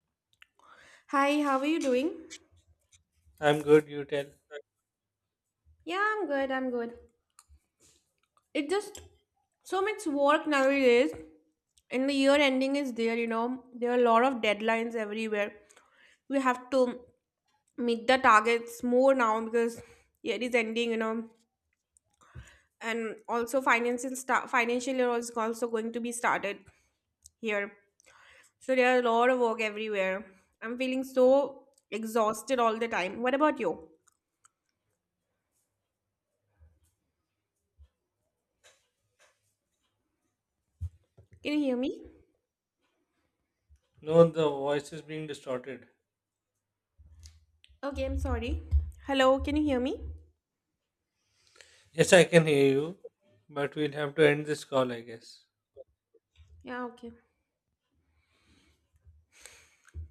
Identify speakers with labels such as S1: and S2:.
S1: Hi, how are you doing?
S2: I'm good, you tell.
S1: Yeah, I'm good. I'm good. It just so much work nowadays, and the year ending is there, you know. There are a lot of deadlines everywhere. We have to meet the targets more now because year is ending, you know. And also financial year is also going to be started here. So there are a lot of work everywhere. I'm feeling so exhausted all the time. What about you? Can you hear me?
S2: No, the voice is being distorted.
S1: Okay, I'm sorry. Hello, can you hear me?
S2: Yes, I can hear you, but we'll have to end this call, I guess.
S1: Yeah, okay.